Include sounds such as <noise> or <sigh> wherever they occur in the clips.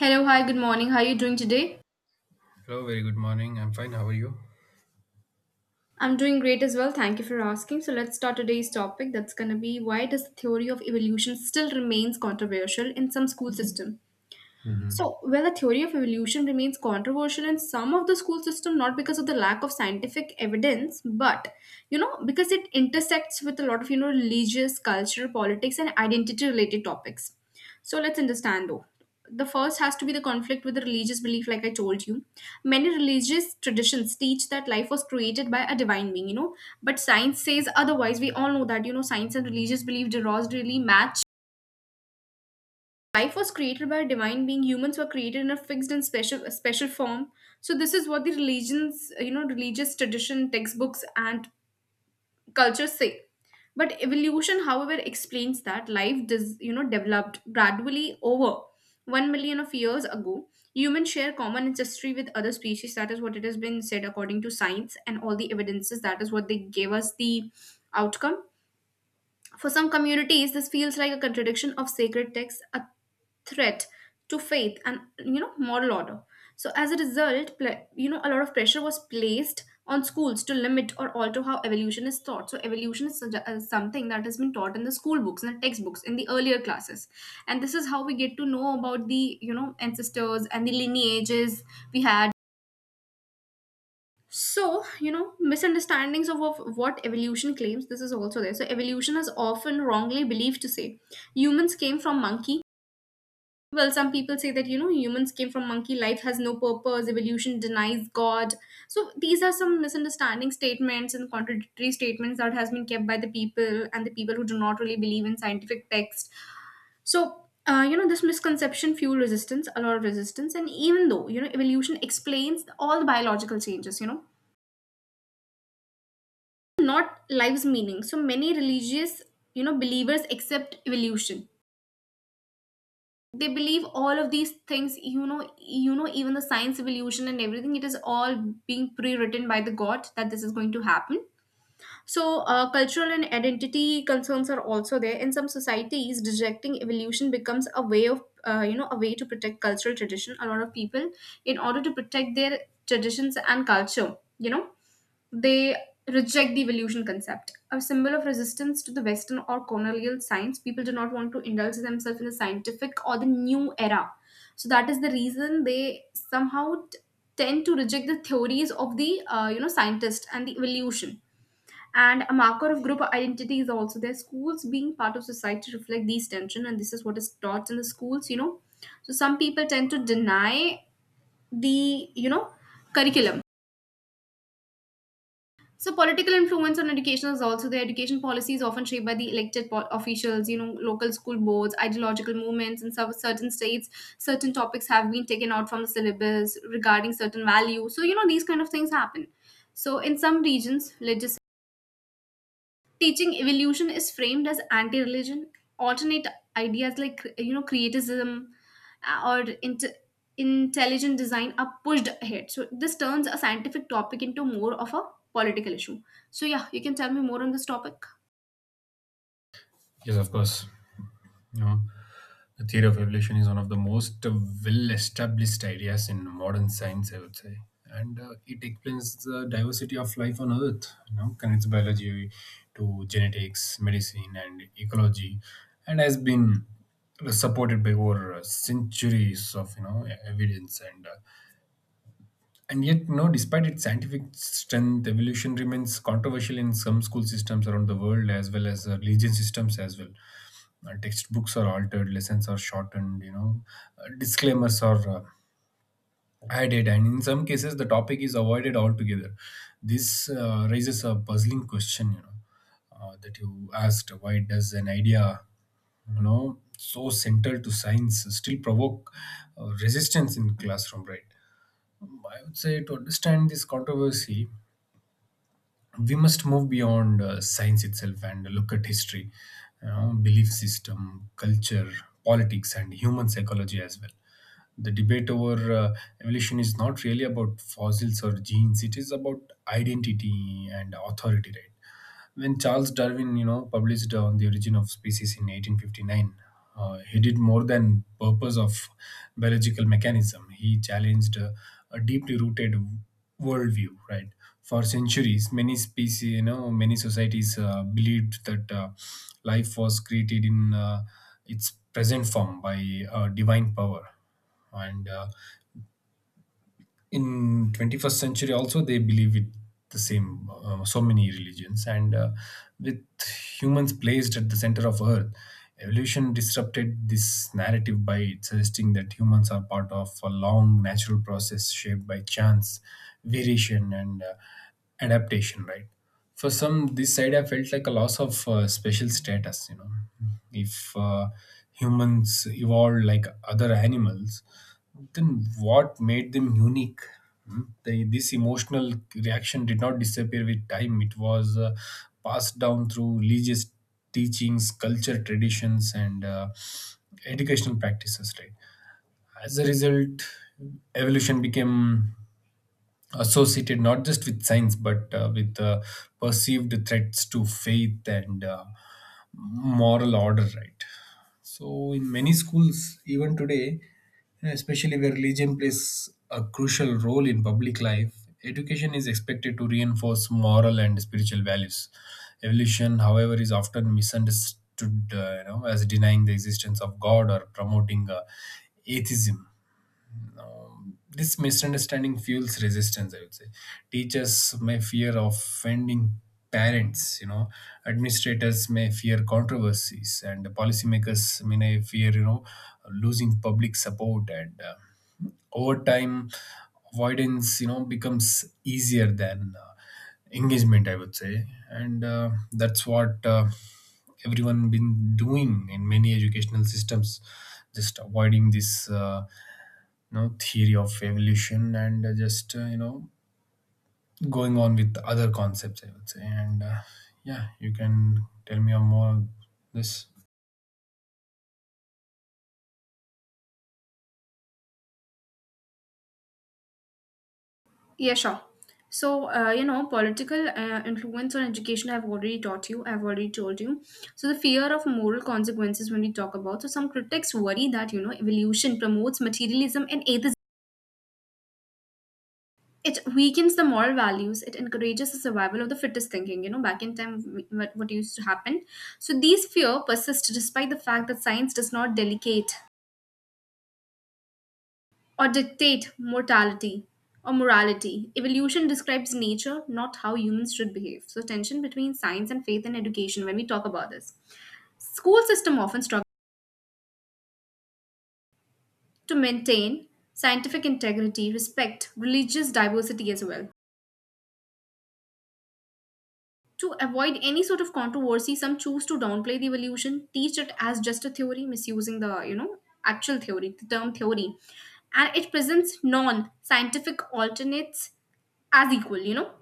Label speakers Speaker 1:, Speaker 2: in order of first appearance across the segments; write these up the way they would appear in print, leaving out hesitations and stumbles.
Speaker 1: Hello, hi, good morning. How are you doing today?
Speaker 2: Hello, very good morning. I'm fine. How are you?
Speaker 1: I'm doing great as well. Thank you for asking. So, let's start today's topic. That's going to be why does the theory of evolution still remains controversial in some school system?
Speaker 2: Hmm.
Speaker 1: So, well, the theory of evolution remains controversial in some of the school system, not because of the lack of scientific evidence, but because it intersects with a lot of religious, cultural, politics, and identity-related topics. So, let's understand though. The first has to be the conflict with the religious belief, like I told you. Many religious traditions teach that life was created by a divine being, but science says otherwise. We all know that science and religious belief do not really match. Life was created by a divine being, humans were created in a fixed and special a special form. So this is what the religions religious tradition textbooks and culture say. But evolution however explains that life does developed gradually over 1 million of years ago. Humans share common ancestry with other species. That is what it has been said according to science, and all the evidences, that is what they gave us the outcome. For some communities, this feels like a contradiction of sacred texts, a threat to faith and moral order. So as a result, a lot of pressure was placed on schools to limit or alter how evolution is taught. So evolution is such something that has been taught in the school books, in the textbooks, in the earlier classes, and this is how we get to know about the ancestors and the lineages we had. So, misunderstandings of what evolution claims, this is also there. So, evolution is often wrongly believed to say humans came from monkey. Well, some people say that, humans came from monkey, life has no purpose, evolution denies God. So, these are some misunderstanding statements and contradictory statements that has been kept by the people and the people who do not really believe in scientific text. So, this misconception fuel resistance a lot of resistance, and even though evolution explains all the biological changes, not life's meaning. So many religious, believers accept evolution. They believe all of these things, even the science evolution and everything, it is all being pre-written by the God that this is going to happen. So, cultural and identity concerns are also there. In some societies, rejecting evolution becomes a way of, a way to protect cultural tradition. A lot of people, in order to protect their traditions and culture, they reject the evolution concept. A symbol of resistance to the Western or colonial science, people do not want to indulge themselves in the scientific or the new era. So that is the reason they somehow tend to reject the theories of the scientist and the evolution, and a marker of group identity is also there. Schools being part of society reflect these tension, and this is what is taught in the schools. So some people tend to deny the, curriculum. So political influence on education is also there. Education policy is often shaped by the elected officials, local school boards, ideological movements in some certain states. Certain topics have been taken out from the syllabus regarding certain values. So these kind of things happen. So in some regions, legislation teaching evolution is framed as anti-religion, alternate ideas like criticism, uh, or int- intelligent design are pushed ahead, so this turns a scientific topic into more of a political issue. So yeah, you can tell me more on this topic.
Speaker 2: Yes, of course. You know, the theory of evolution is one of the most well-established ideas in modern science, I would say, and it explains the diversity of life on Earth. Connects biology to genetics, medicine, and ecology, and has been supported by over centuries of evidence And yet, no, despite its scientific strength, evolution remains controversial in some school systems around the world as well as religion systems as well. Textbooks are altered, lessons are shortened, disclaimers are added, and in some cases, the topic is avoided altogether. This raises a puzzling question, that you asked, why does an idea so central to science still provoke resistance in classroom, right? I would say, to understand this controversy, we must move beyond science itself and look at history, belief system, culture, politics, and human psychology as well. The debate over evolution is not really about fossils or genes, it is about identity and authority, right? When Charles Darwin, published the Origin of Species in 1859, he did more than purpose of biological mechanism. He challenged a deeply rooted worldview, right? For centuries, many species, many societies believed that life was created in its present form by divine power, and in 21st century also they believe it the same, so many religions and with humans placed at the center of earth. Evolution disrupted this narrative by suggesting that humans are part of a long natural process shaped by chance variation and adaptation, right? For some, this idea felt like a loss of special status, if humans evolved like other animals, then what made them unique? Hmm? They, this emotional reaction did not disappear with time. It was passed down through religious teachings, culture, traditions, and educational practices. Right. As a result, evolution became associated not just with science but with perceived threats to faith and moral order. Right. So, in many schools, even today, especially where religion plays a crucial role in public life, education is expected to reinforce moral and spiritual values. Evolution, however, is often misunderstood, as denying the existence of God or promoting atheism. This misunderstanding fuels resistance, I would say. Teachers may fear offending parents, administrators may fear controversies, and policymakers may fear, losing public support. And over time, avoidance, becomes easier than engagement, I would say. And that's what. Everyone been doing in many educational systems, just avoiding this know theory of evolution, and just, going on with other concepts, I would say. And yeah, you can tell me more of this.
Speaker 1: Yeah, sure. So political influence on education, I've already told you. So the fear of moral consequences, when we talk about, so some critics worry that evolution promotes materialism and atheism, it weakens the moral values, it encourages the survival of the fittest thinking, back in time, what used to happen. So these fear persist despite the fact that science does not delegate or dictate mortality or morality. Evolution describes nature, not how humans should behave. So tension between science and faith in education, when we talk about this, school system often struggles to maintain scientific integrity, respect religious diversity as well. To avoid any sort of controversy, some choose to downplay the evolution, teach it as just a theory, misusing the actual theory, the term theory, and it presents non-scientific alternates as equal. You know,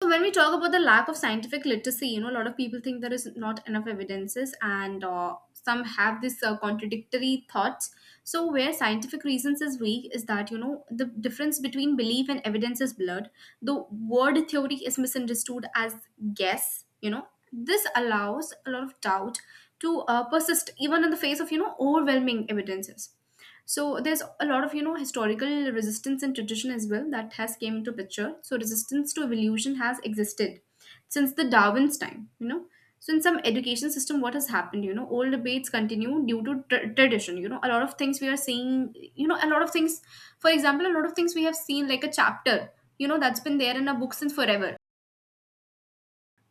Speaker 1: so when we talk about the lack of scientific literacy, a lot of people think there is not enough evidences, and some have this contradictory thoughts. So where scientific reasons is weak is that the difference between belief and evidence is blurred. The word theory is misunderstood as guess. This allows a lot of doubt to persist even in the face of overwhelming evidences. So there's a lot of historical resistance and tradition as well that has came into picture. So resistance to evolution has existed since the darwin's time. So in some education system, what has happened, old debates continue due to tradition. A lot of things we are seeing, a lot of things, for example, a lot of things we have seen, like a chapter, that's been there in our books since forever.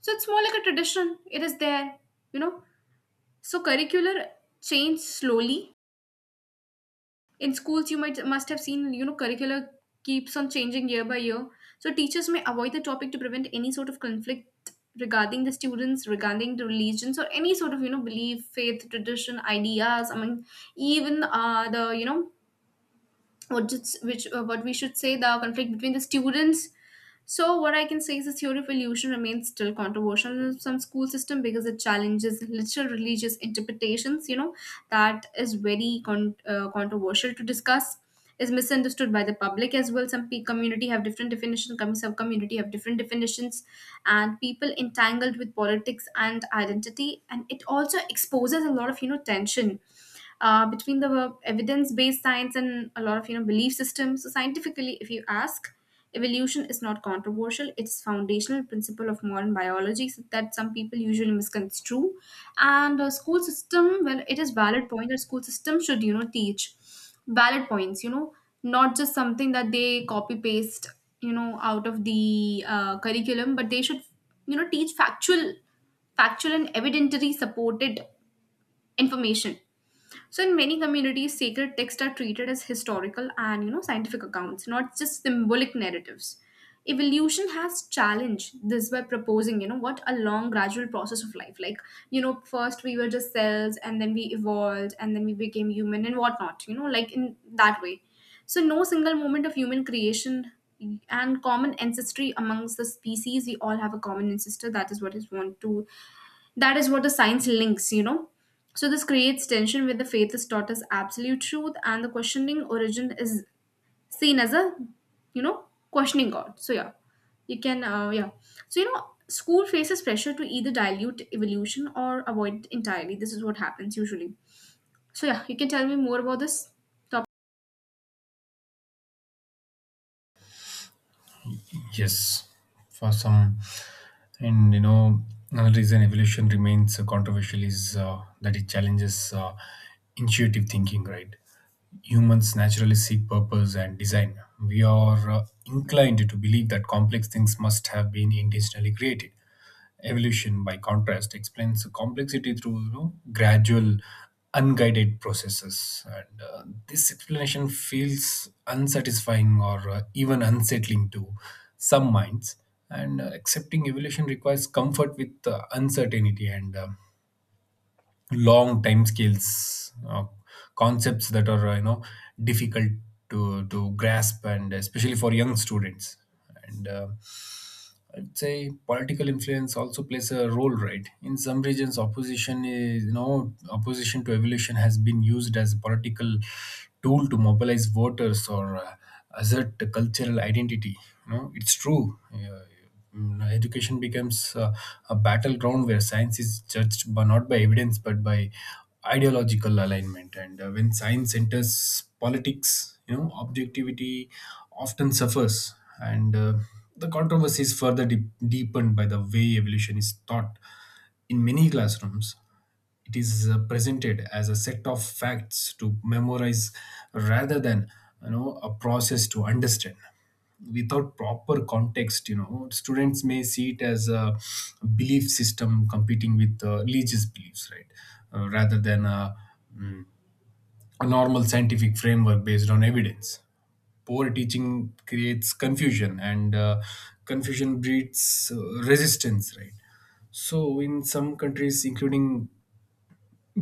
Speaker 1: So it's more like a tradition, it is there, you know. So curricular change slowly in schools, you might must have seen, curricula keeps on changing year by year. So teachers may avoid the topic to prevent any sort of conflict regarding the students, regarding the religions, or any sort of belief, faith, tradition, ideas, I mean, even the what just which what we should say, the conflict between the students. So what I can say is the theory of evolution remains still controversial in some school system because it challenges literal religious interpretations, that is very controversial to discuss, is misunderstood by the public as well. Some community have different definitions, some community have different definitions, and people entangled with politics and identity, and it also exposes a lot of tension between the evidence-based science and a lot of belief systems. So scientifically, if you ask, evolution is not controversial, it's foundational principle of modern biology. So that, some people usually misconstrue. And school system, well, it is valid point that school system should teach valid points, not just something that they copy paste, out of the curriculum, but they should teach factual, factual and evidentiary supported information. So in many communities, sacred texts are treated as historical and scientific accounts, not just symbolic narratives. Evolution has challenged this by proposing, what a long gradual process of life. Like, first we were just cells and then we evolved and then we became human and whatnot, like in that way. So no single moment of human creation and common ancestry amongst the species, we all have a common ancestor. That is what the science links, you know. So this creates tension where the faith is taught as absolute truth and the questioning origin is seen as a, you know questioning god. So yeah, you can yeah, so school faces pressure to either dilute evolution or avoid it entirely. This is what happens usually. So yeah, you can tell me more about this topic.
Speaker 2: Yes, for some, and another reason evolution remains controversial is that it challenges intuitive thinking, right? Humans naturally seek purpose and design. We are inclined to believe that complex things must have been intentionally created. Evolution, by contrast, explains the complexity through, gradual, unguided processes. And this explanation feels unsatisfying or even unsettling to some minds. And accepting evolution requires comfort with uncertainty and long time scales, concepts that are difficult to grasp, and especially for young students. And I'd say political influence also plays a role, right? In some regions, opposition is opposition to evolution has been used as a political tool to mobilize voters or assert a cultural identity. It's true. Education becomes a battleground where science is judged, but not by evidence, but by ideological alignment. And when science enters politics, objectivity often suffers, and the controversy is further deepened by the way evolution is taught in many classrooms. It is presented as a set of facts to memorize rather than, a process to understand. Without proper context, students may see it as a belief system competing with religious beliefs, right? Rather than a normal scientific framework based on evidence. Poor teaching creates confusion, and confusion breeds resistance, right? So, in some countries, including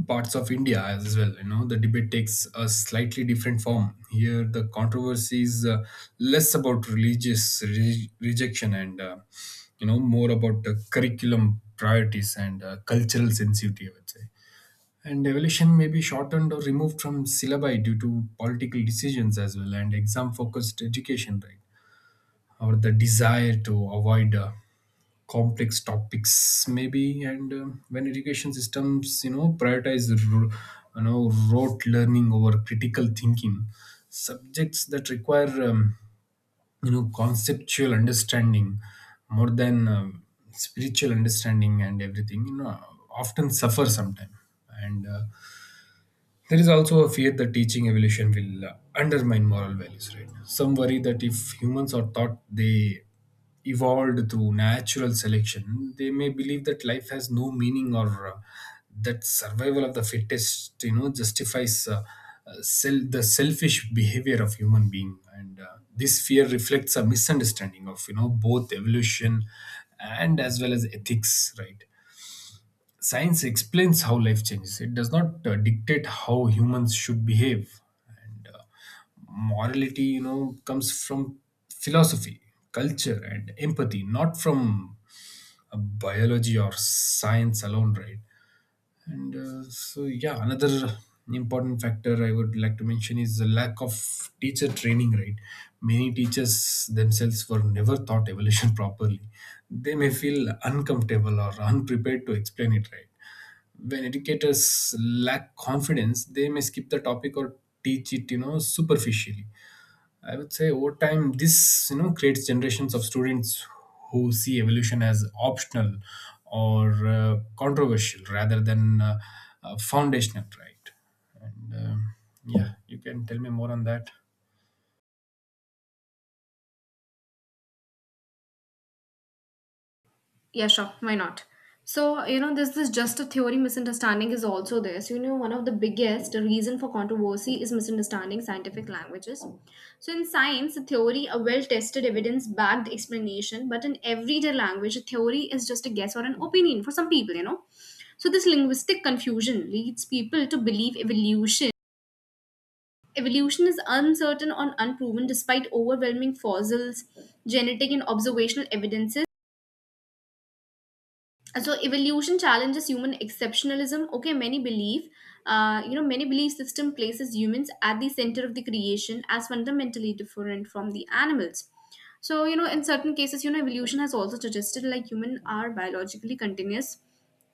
Speaker 2: parts of India as well, the debate takes a slightly different form. Here, the controversy is less about religious rejection, and, more about curriculum priorities and cultural sensitivity, I would say. And evolution may be shortened or removed from syllabi due to political decisions as well, and exam focused education, right? Or the desire to avoid complex topics, maybe. And when education systems, prioritize, you know, rote learning over critical thinking, subjects that require, conceptual understanding, more than spiritual understanding and everything, often suffer sometime. And there is also a fear that teaching evolution will undermine moral values, right? Some worry that if humans are taught they evolved through natural selection, they may believe that life has no meaning or that survival of the fittest, justifies the selfish behavior of human being. And this fear reflects a misunderstanding of, both evolution and as well as ethics, right? Science explains how life changes. It does not dictate how humans should behave. And morality, comes from philosophy, culture, and empathy, not from biology or science alone, right? And so, yeah, another important factor I would like to mention is the lack of teacher training, right? Many teachers themselves were never taught evolution <laughs> properly. They may feel uncomfortable or unprepared to explain it, right? When educators lack confidence, they may skip the topic or teach it, superficially, I would say. Over time, this, creates generations of students who see evolution as optional or controversial rather than foundational, right? And yeah, you can tell me more on that.
Speaker 1: Yeah, sure. Why not? So, this just a theory misunderstanding is also there. So, one of the biggest reason for controversy is misunderstanding scientific languages. So, in science, a theory, a well-tested, evidence-backed explanation, but in everyday language, a theory is just a guess or an opinion for some people, you know. So, this linguistic confusion leads people to believe evolution is uncertain or unproven despite overwhelming fossils, genetic, and observational evidences. So evolution challenges human exceptionalism. Okay, many believe many belief system places humans at the center of the creation as fundamentally different from the animals. So, in certain cases, evolution has also suggested like human are biologically continuous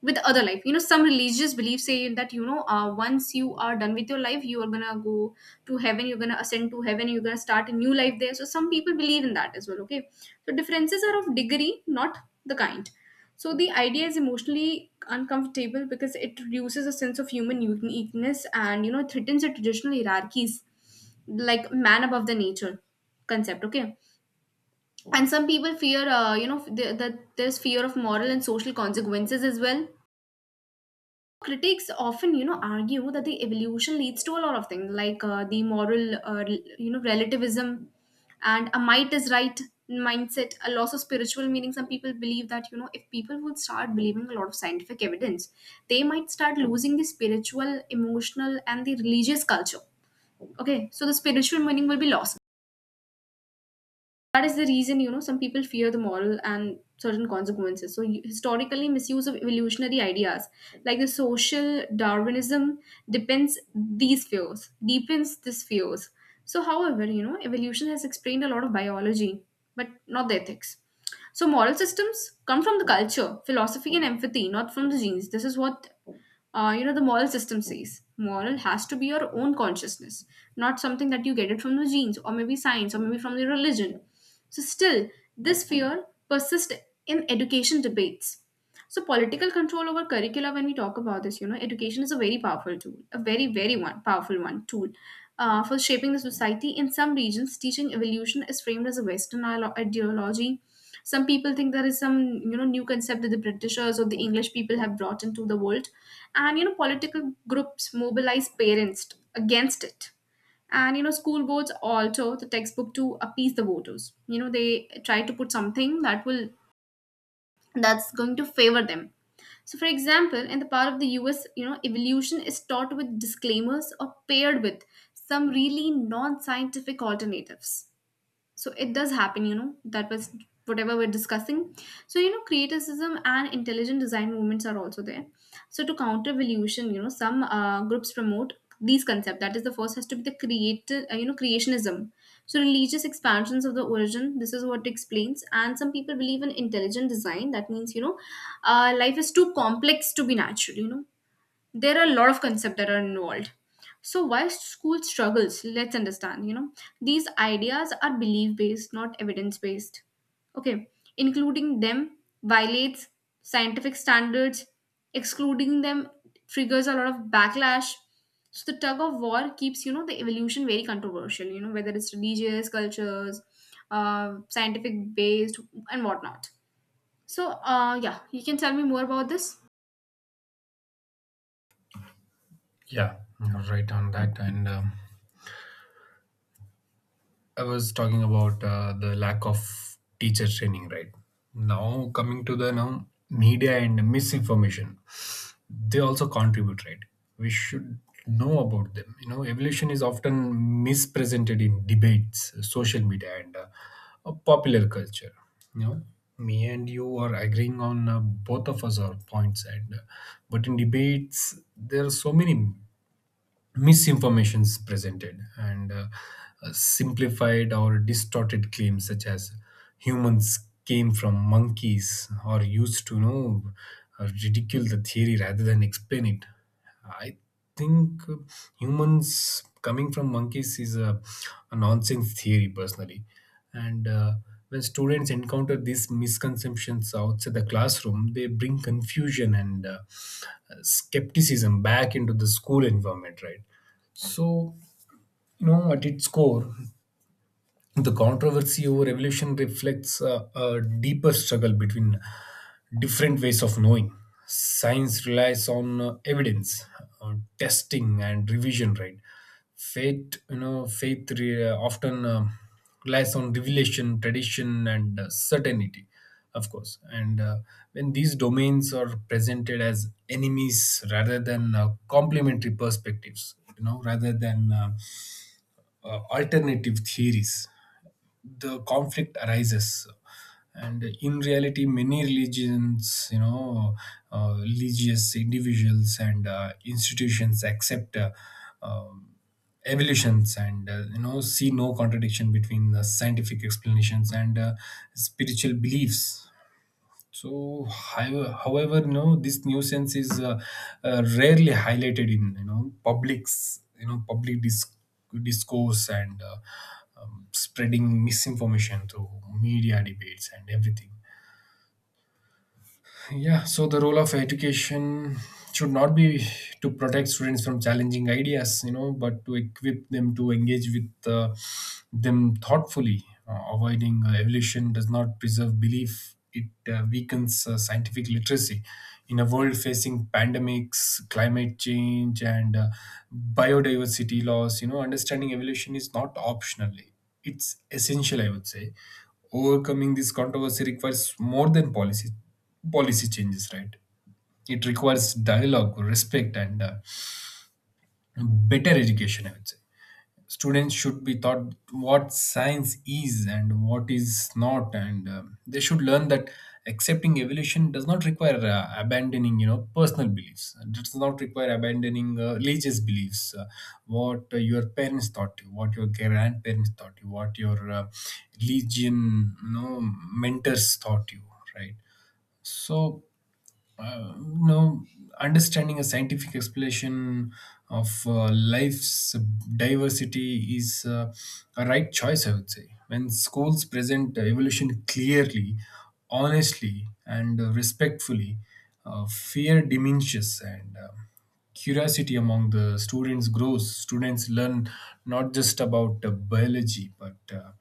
Speaker 1: with other life. Some religious beliefs say that, once you are done with your life, you are gonna go to heaven, you're gonna ascend to heaven, you're gonna start a new life there. So some people believe in that as well. Okay, so differences are of degree, not the kind. So the idea is emotionally uncomfortable because it reduces a sense of human uniqueness and threatens the traditional hierarchies like man above the nature concept. Okay, and some people fear, there's fear of moral and social consequences as well. Critics often argue that the evolution leads to a lot of things like the moral, relativism and a might is right mindset, a loss of spiritual meaning. Some people believe that if people would start believing a lot of scientific evidence, they might start losing the spiritual, emotional, and the religious culture. Okay, so the spiritual meaning will be lost. That is the reason some people fear the moral and certain consequences. So you, historically misuse of evolutionary ideas like the social darwinism depends, these fears deepens these fears. So however, evolution has explained a lot of biology, but not the ethics. So moral systems come from the culture, philosophy, and empathy, not from the genes. This is what the moral system says. Moral has to be your own consciousness, not something that you get it from the genes or maybe science or maybe from the religion. So still this fear persists in education debates. So political control over curricula, when we talk about this, education is a very powerful tool, a very, very one powerful one tool for shaping the society. In some regions, teaching evolution is framed as a ideology. Some people think there is some, new concept that the Britishers or the English people have brought into the world, and political groups mobilize parents against it, and school boards alter the textbook to appease the voters. They try to put something that's going to favor them. So for example, in the part of the US, evolution is taught with disclaimers or paired with some really non-scientific alternatives. So it does happen, that was whatever we're discussing. So criticism and intelligent design movements are also there. So to counter evolution, some groups promote these concept, that is the first has to be the creative, creationism. So religious expansions of the origin, this is what it explains. And some people believe in intelligent design, that means life is too complex to be natural. There are a lot of concepts that are involved. So why school struggles, let's understand. These ideas are belief based, not evidence based. Okay, including them violates scientific standards, excluding them triggers a lot of backlash. So the tug of war keeps, the evolution very controversial, whether it's religious cultures, scientific based, and whatnot. So yeah, you can tell me more about this.
Speaker 2: Yeah, you're right on that. And I was talking about the lack of teacher training, right? Now coming to the now media and misinformation, they also contribute, right? We should know about them. Evolution is often mispresented in debates, social media, and popular culture. You know, me and you are agreeing on both of us, our points, and but in debates there are so many Misinformations presented and simplified or distorted claims such as humans came from monkeys, or used to know, ridicule the theory rather than explain it. I think, humans coming from monkeys is a nonsense theory, personally. And when students encounter these misconceptions outside the classroom, they bring confusion and skepticism back into the school environment, right? So, at its core, the controversy over evolution reflects a deeper struggle between different ways of knowing. Science relies on evidence, uh, testing, and revision. Right. Faith, faith often relies on revelation, tradition, and certainty, of course. And when these domains are presented as enemies rather than complementary perspectives, rather than alternative theories, the conflict arises. And in reality, many religions, religious individuals and institutions accept um, evolutions, and see no contradiction between the scientific explanations and spiritual beliefs. So, however, this nuisance is rarely highlighted in, publics, public discourse, and spreading misinformation through media debates and everything. Yeah, so the role of education should not be to protect students from challenging ideas, but to equip them to engage with them thoughtfully. Avoiding evolution does not preserve belief, it weakens scientific literacy. In a world facing pandemics, climate change, and biodiversity loss, understanding evolution is not optional, it's essential, I would say. Overcoming this controversy requires more than policy changes, right? It requires dialogue, respect, and better education, I would say. Students should be taught what science is and what is not, and they should learn that accepting evolution does not require abandoning, personal beliefs. It does not require abandoning religious beliefs, what your parents taught you, what your grandparents taught you, what your religion, mentors taught you, right? So, uh, you know, understanding a scientific explanation of life's diversity is a right choice, I would say. When schools present evolution clearly, honestly, and respectfully, fear diminishes and curiosity among the students grows. Students learn not just about biology, but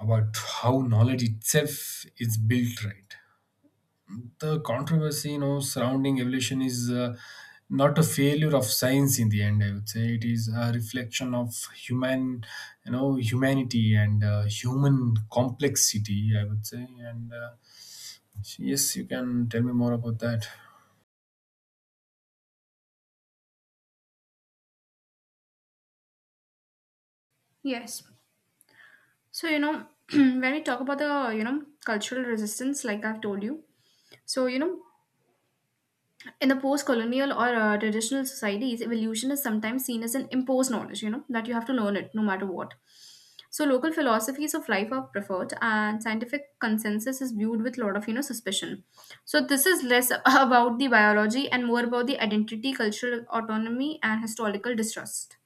Speaker 2: about how knowledge itself is built, right? The controversy, surrounding evolution is not a failure of science in the end, I would say, it is a reflection of human, humanity and human complexity, I would say. And yes, you can tell me more about that.
Speaker 1: Yes. So, <clears throat> when we talk about the, cultural resistance, like I've told you, so, in the post colonial or traditional societies, evolution is sometimes seen as an imposed knowledge, that you have to learn it no matter what. So, local philosophies of life are preferred, and scientific consensus is viewed with a lot of, suspicion. So, this is less <laughs> about the biology and more about the identity, cultural autonomy, and historical distrust.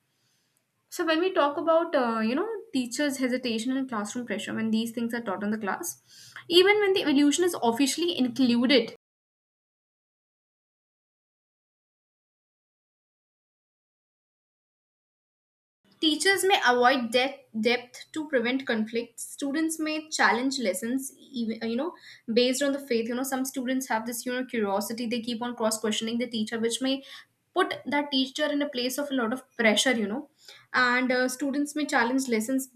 Speaker 1: So when we talk about teachers' hesitation and classroom pressure when these things are taught in the class, even when the evolution is officially included, teachers may avoid depth to prevent conflict. Students may challenge lessons, even based on the faith. Some students have this curiosity, they keep on cross questioning the teacher, which may put that teacher in a place of a lot of pressure. You know and Students may challenge lessons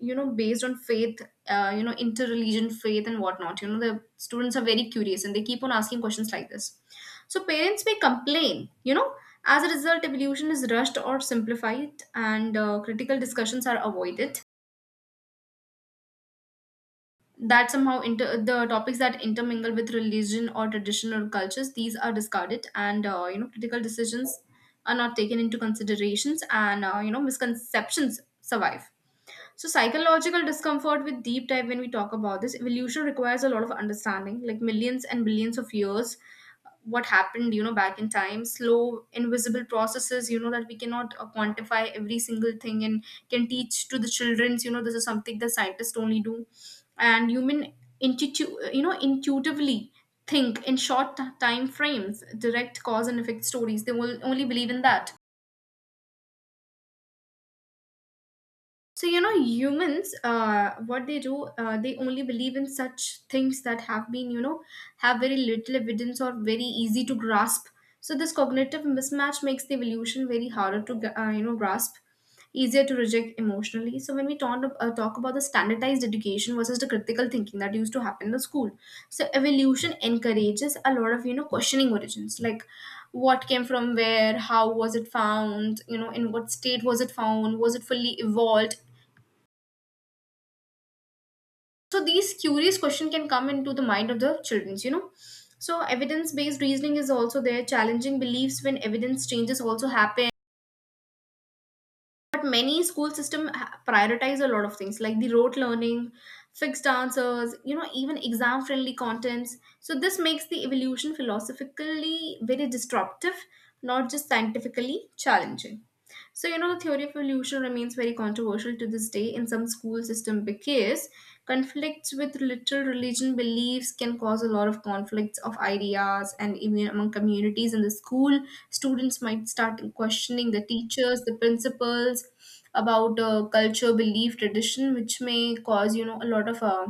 Speaker 1: based on faith, interreligion faith and whatnot. The students are very curious and they keep on asking questions like this. So parents may complain. As a result, evolution is rushed or simplified, and critical discussions are avoided. That somehow the topics that intermingle with religion or tradition or cultures, these are discarded, and critical decisions are not taken into considerations, and misconceptions survive. So psychological discomfort with deep dive, when we talk about this, evolution requires a lot of understanding, like millions and billions of years. What happened back in time, slow invisible processes, that we cannot quantify every single thing and can teach to the childrens. This is something that scientists only do. And human intuitively think in short time frames, direct cause and effect stories, they will only believe in that. So, humans, what they do, they only believe in such things that have been, have very little evidence or very easy to grasp. So, this cognitive mismatch makes the evolution very harder to, grasp, easier to reject emotionally. So, when we talk about the standardized education versus the critical thinking that used to happen in the school, so evolution encourages a lot of, questioning origins, like what came from where, how was it found, in what state was it found, was it fully evolved. So these curious question can come into the mind of the childrens. So evidence based reasoning is also there, challenging beliefs when evidence changes also happen. But many school system prioritize a lot of things like the rote learning, fixed answers, even exam friendly contents. So this makes the evolution philosophically very disruptive, not just scientifically challenging. So, the theory of evolution remains very controversial to this day in some school system because conflicts with literal religion beliefs can cause a lot of conflicts of ideas and even among communities in the school. Students might start questioning the teachers, the principals about culture, belief, tradition, which may cause, a lot of uh,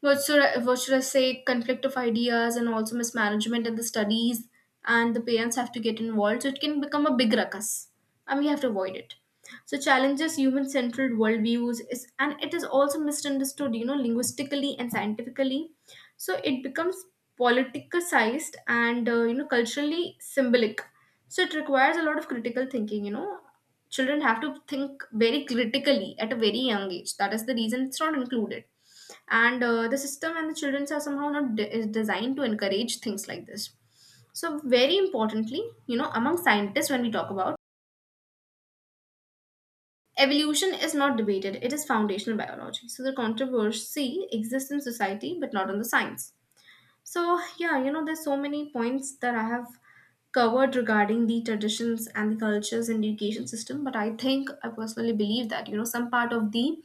Speaker 1: what should I, what should I say? Conflict of ideas and also mismanagement in the studies, and the parents have to get involved. So it can become a big ruckus, and we have to avoid it. So challenges human-centered worldviews is, and it is also misunderstood, linguistically and scientifically. So it becomes politicized and culturally symbolic. So it requires a lot of critical thinking. Children have to think very critically at a very young age. That is the reason it's not included, and the system and the childrens are somehow not de- is designed to encourage things like this. So very importantly, among scientists, when we talk about evolution is not debated, it is foundational biology. So the controversy exists in society but not on the science. So, yeah, there's so many points that I have covered regarding the traditions and the cultures in the education system, but I think I personally believe that, some part of the,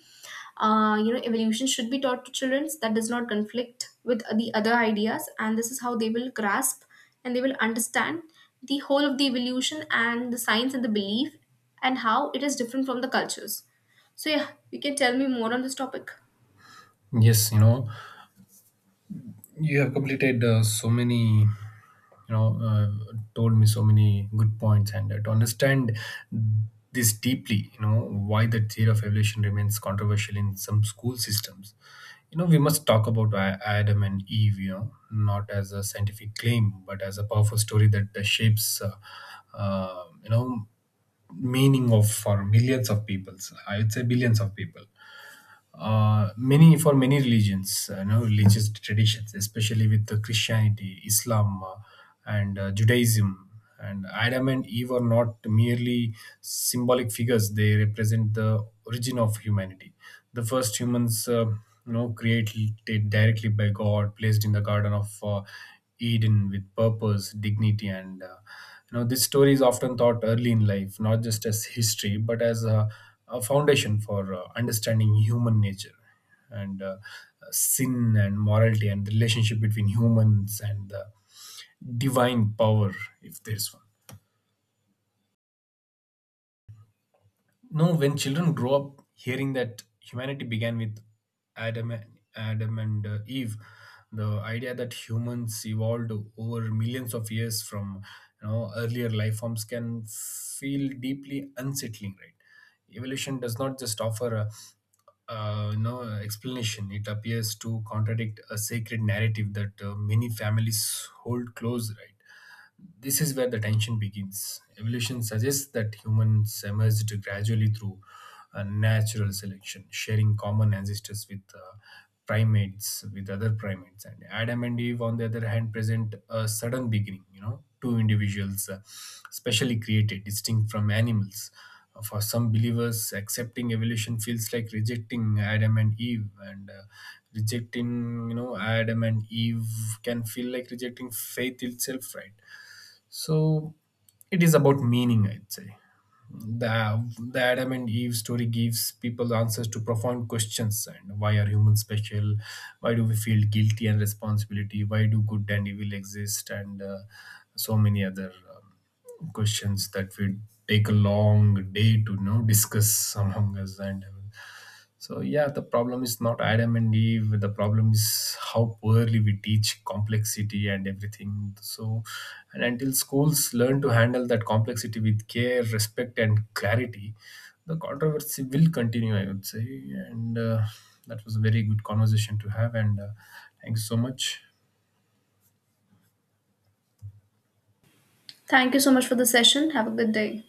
Speaker 1: evolution should be taught to children that does not conflict with the other ideas, and this is how they will grasp and they will understand the whole of the evolution and the science and the belief and how it is different from the cultures. So, yeah, you can tell me more on this topic.
Speaker 2: Yes, you have completed so many, told me so many good points, and to understand this deeply, why the theory of evolution remains controversial in some school systems, we must talk about Adam and Eve, not as a scientific claim, but as a powerful story that shapes, uh, you know meaning of for millions of peoples, I would say, billions of people. Many, for many religions, religious traditions, especially with the Christianity, Islam, and Judaism. And Adam and Eve are not merely symbolic figures; they represent the origin of humanity. The first humans, created directly by God, placed in the Garden of Eden with purpose, dignity, and this story is often taught early in life, not just as history, but as a foundation for understanding human nature and sin and morality and the relationship between humans and the divine power, if there's one. No, when children grow up hearing that humanity began with Adam and, Adam and Eve, the idea that humans evolved over millions of years from, earlier life forms, can feel deeply unsettling, right? Evolution does not just offer a explanation. It appears to contradict a sacred narrative that many families hold close, right? This is where the tension begins. Evolution suggests that humans emerged gradually through natural selection, sharing common ancestors with primates, with other primates. And Adam and Eve, on the other hand, present a sudden beginning, two individuals specially created, distinct from animals. For some believers, accepting evolution feels like rejecting Adam and Eve, and rejecting, Adam and Eve can feel like rejecting faith itself, right? So it is about meaning, I'd say. The, the Adam and Eve story gives people answers to profound questions, and why are humans special? Why do we feel guilty and responsibility? Why do good and evil exist? And so many other questions that we take a long day to, discuss among us. And so, yeah, the problem is not Adam and Eve, the problem is how poorly we teach complexity and everything. So, and until schools learn to handle that complexity with care, respect, and clarity, the controversy will continue, I would say. And that was a very good conversation to have, and thank you so much.
Speaker 1: Thank you so much for the session. Have a good day.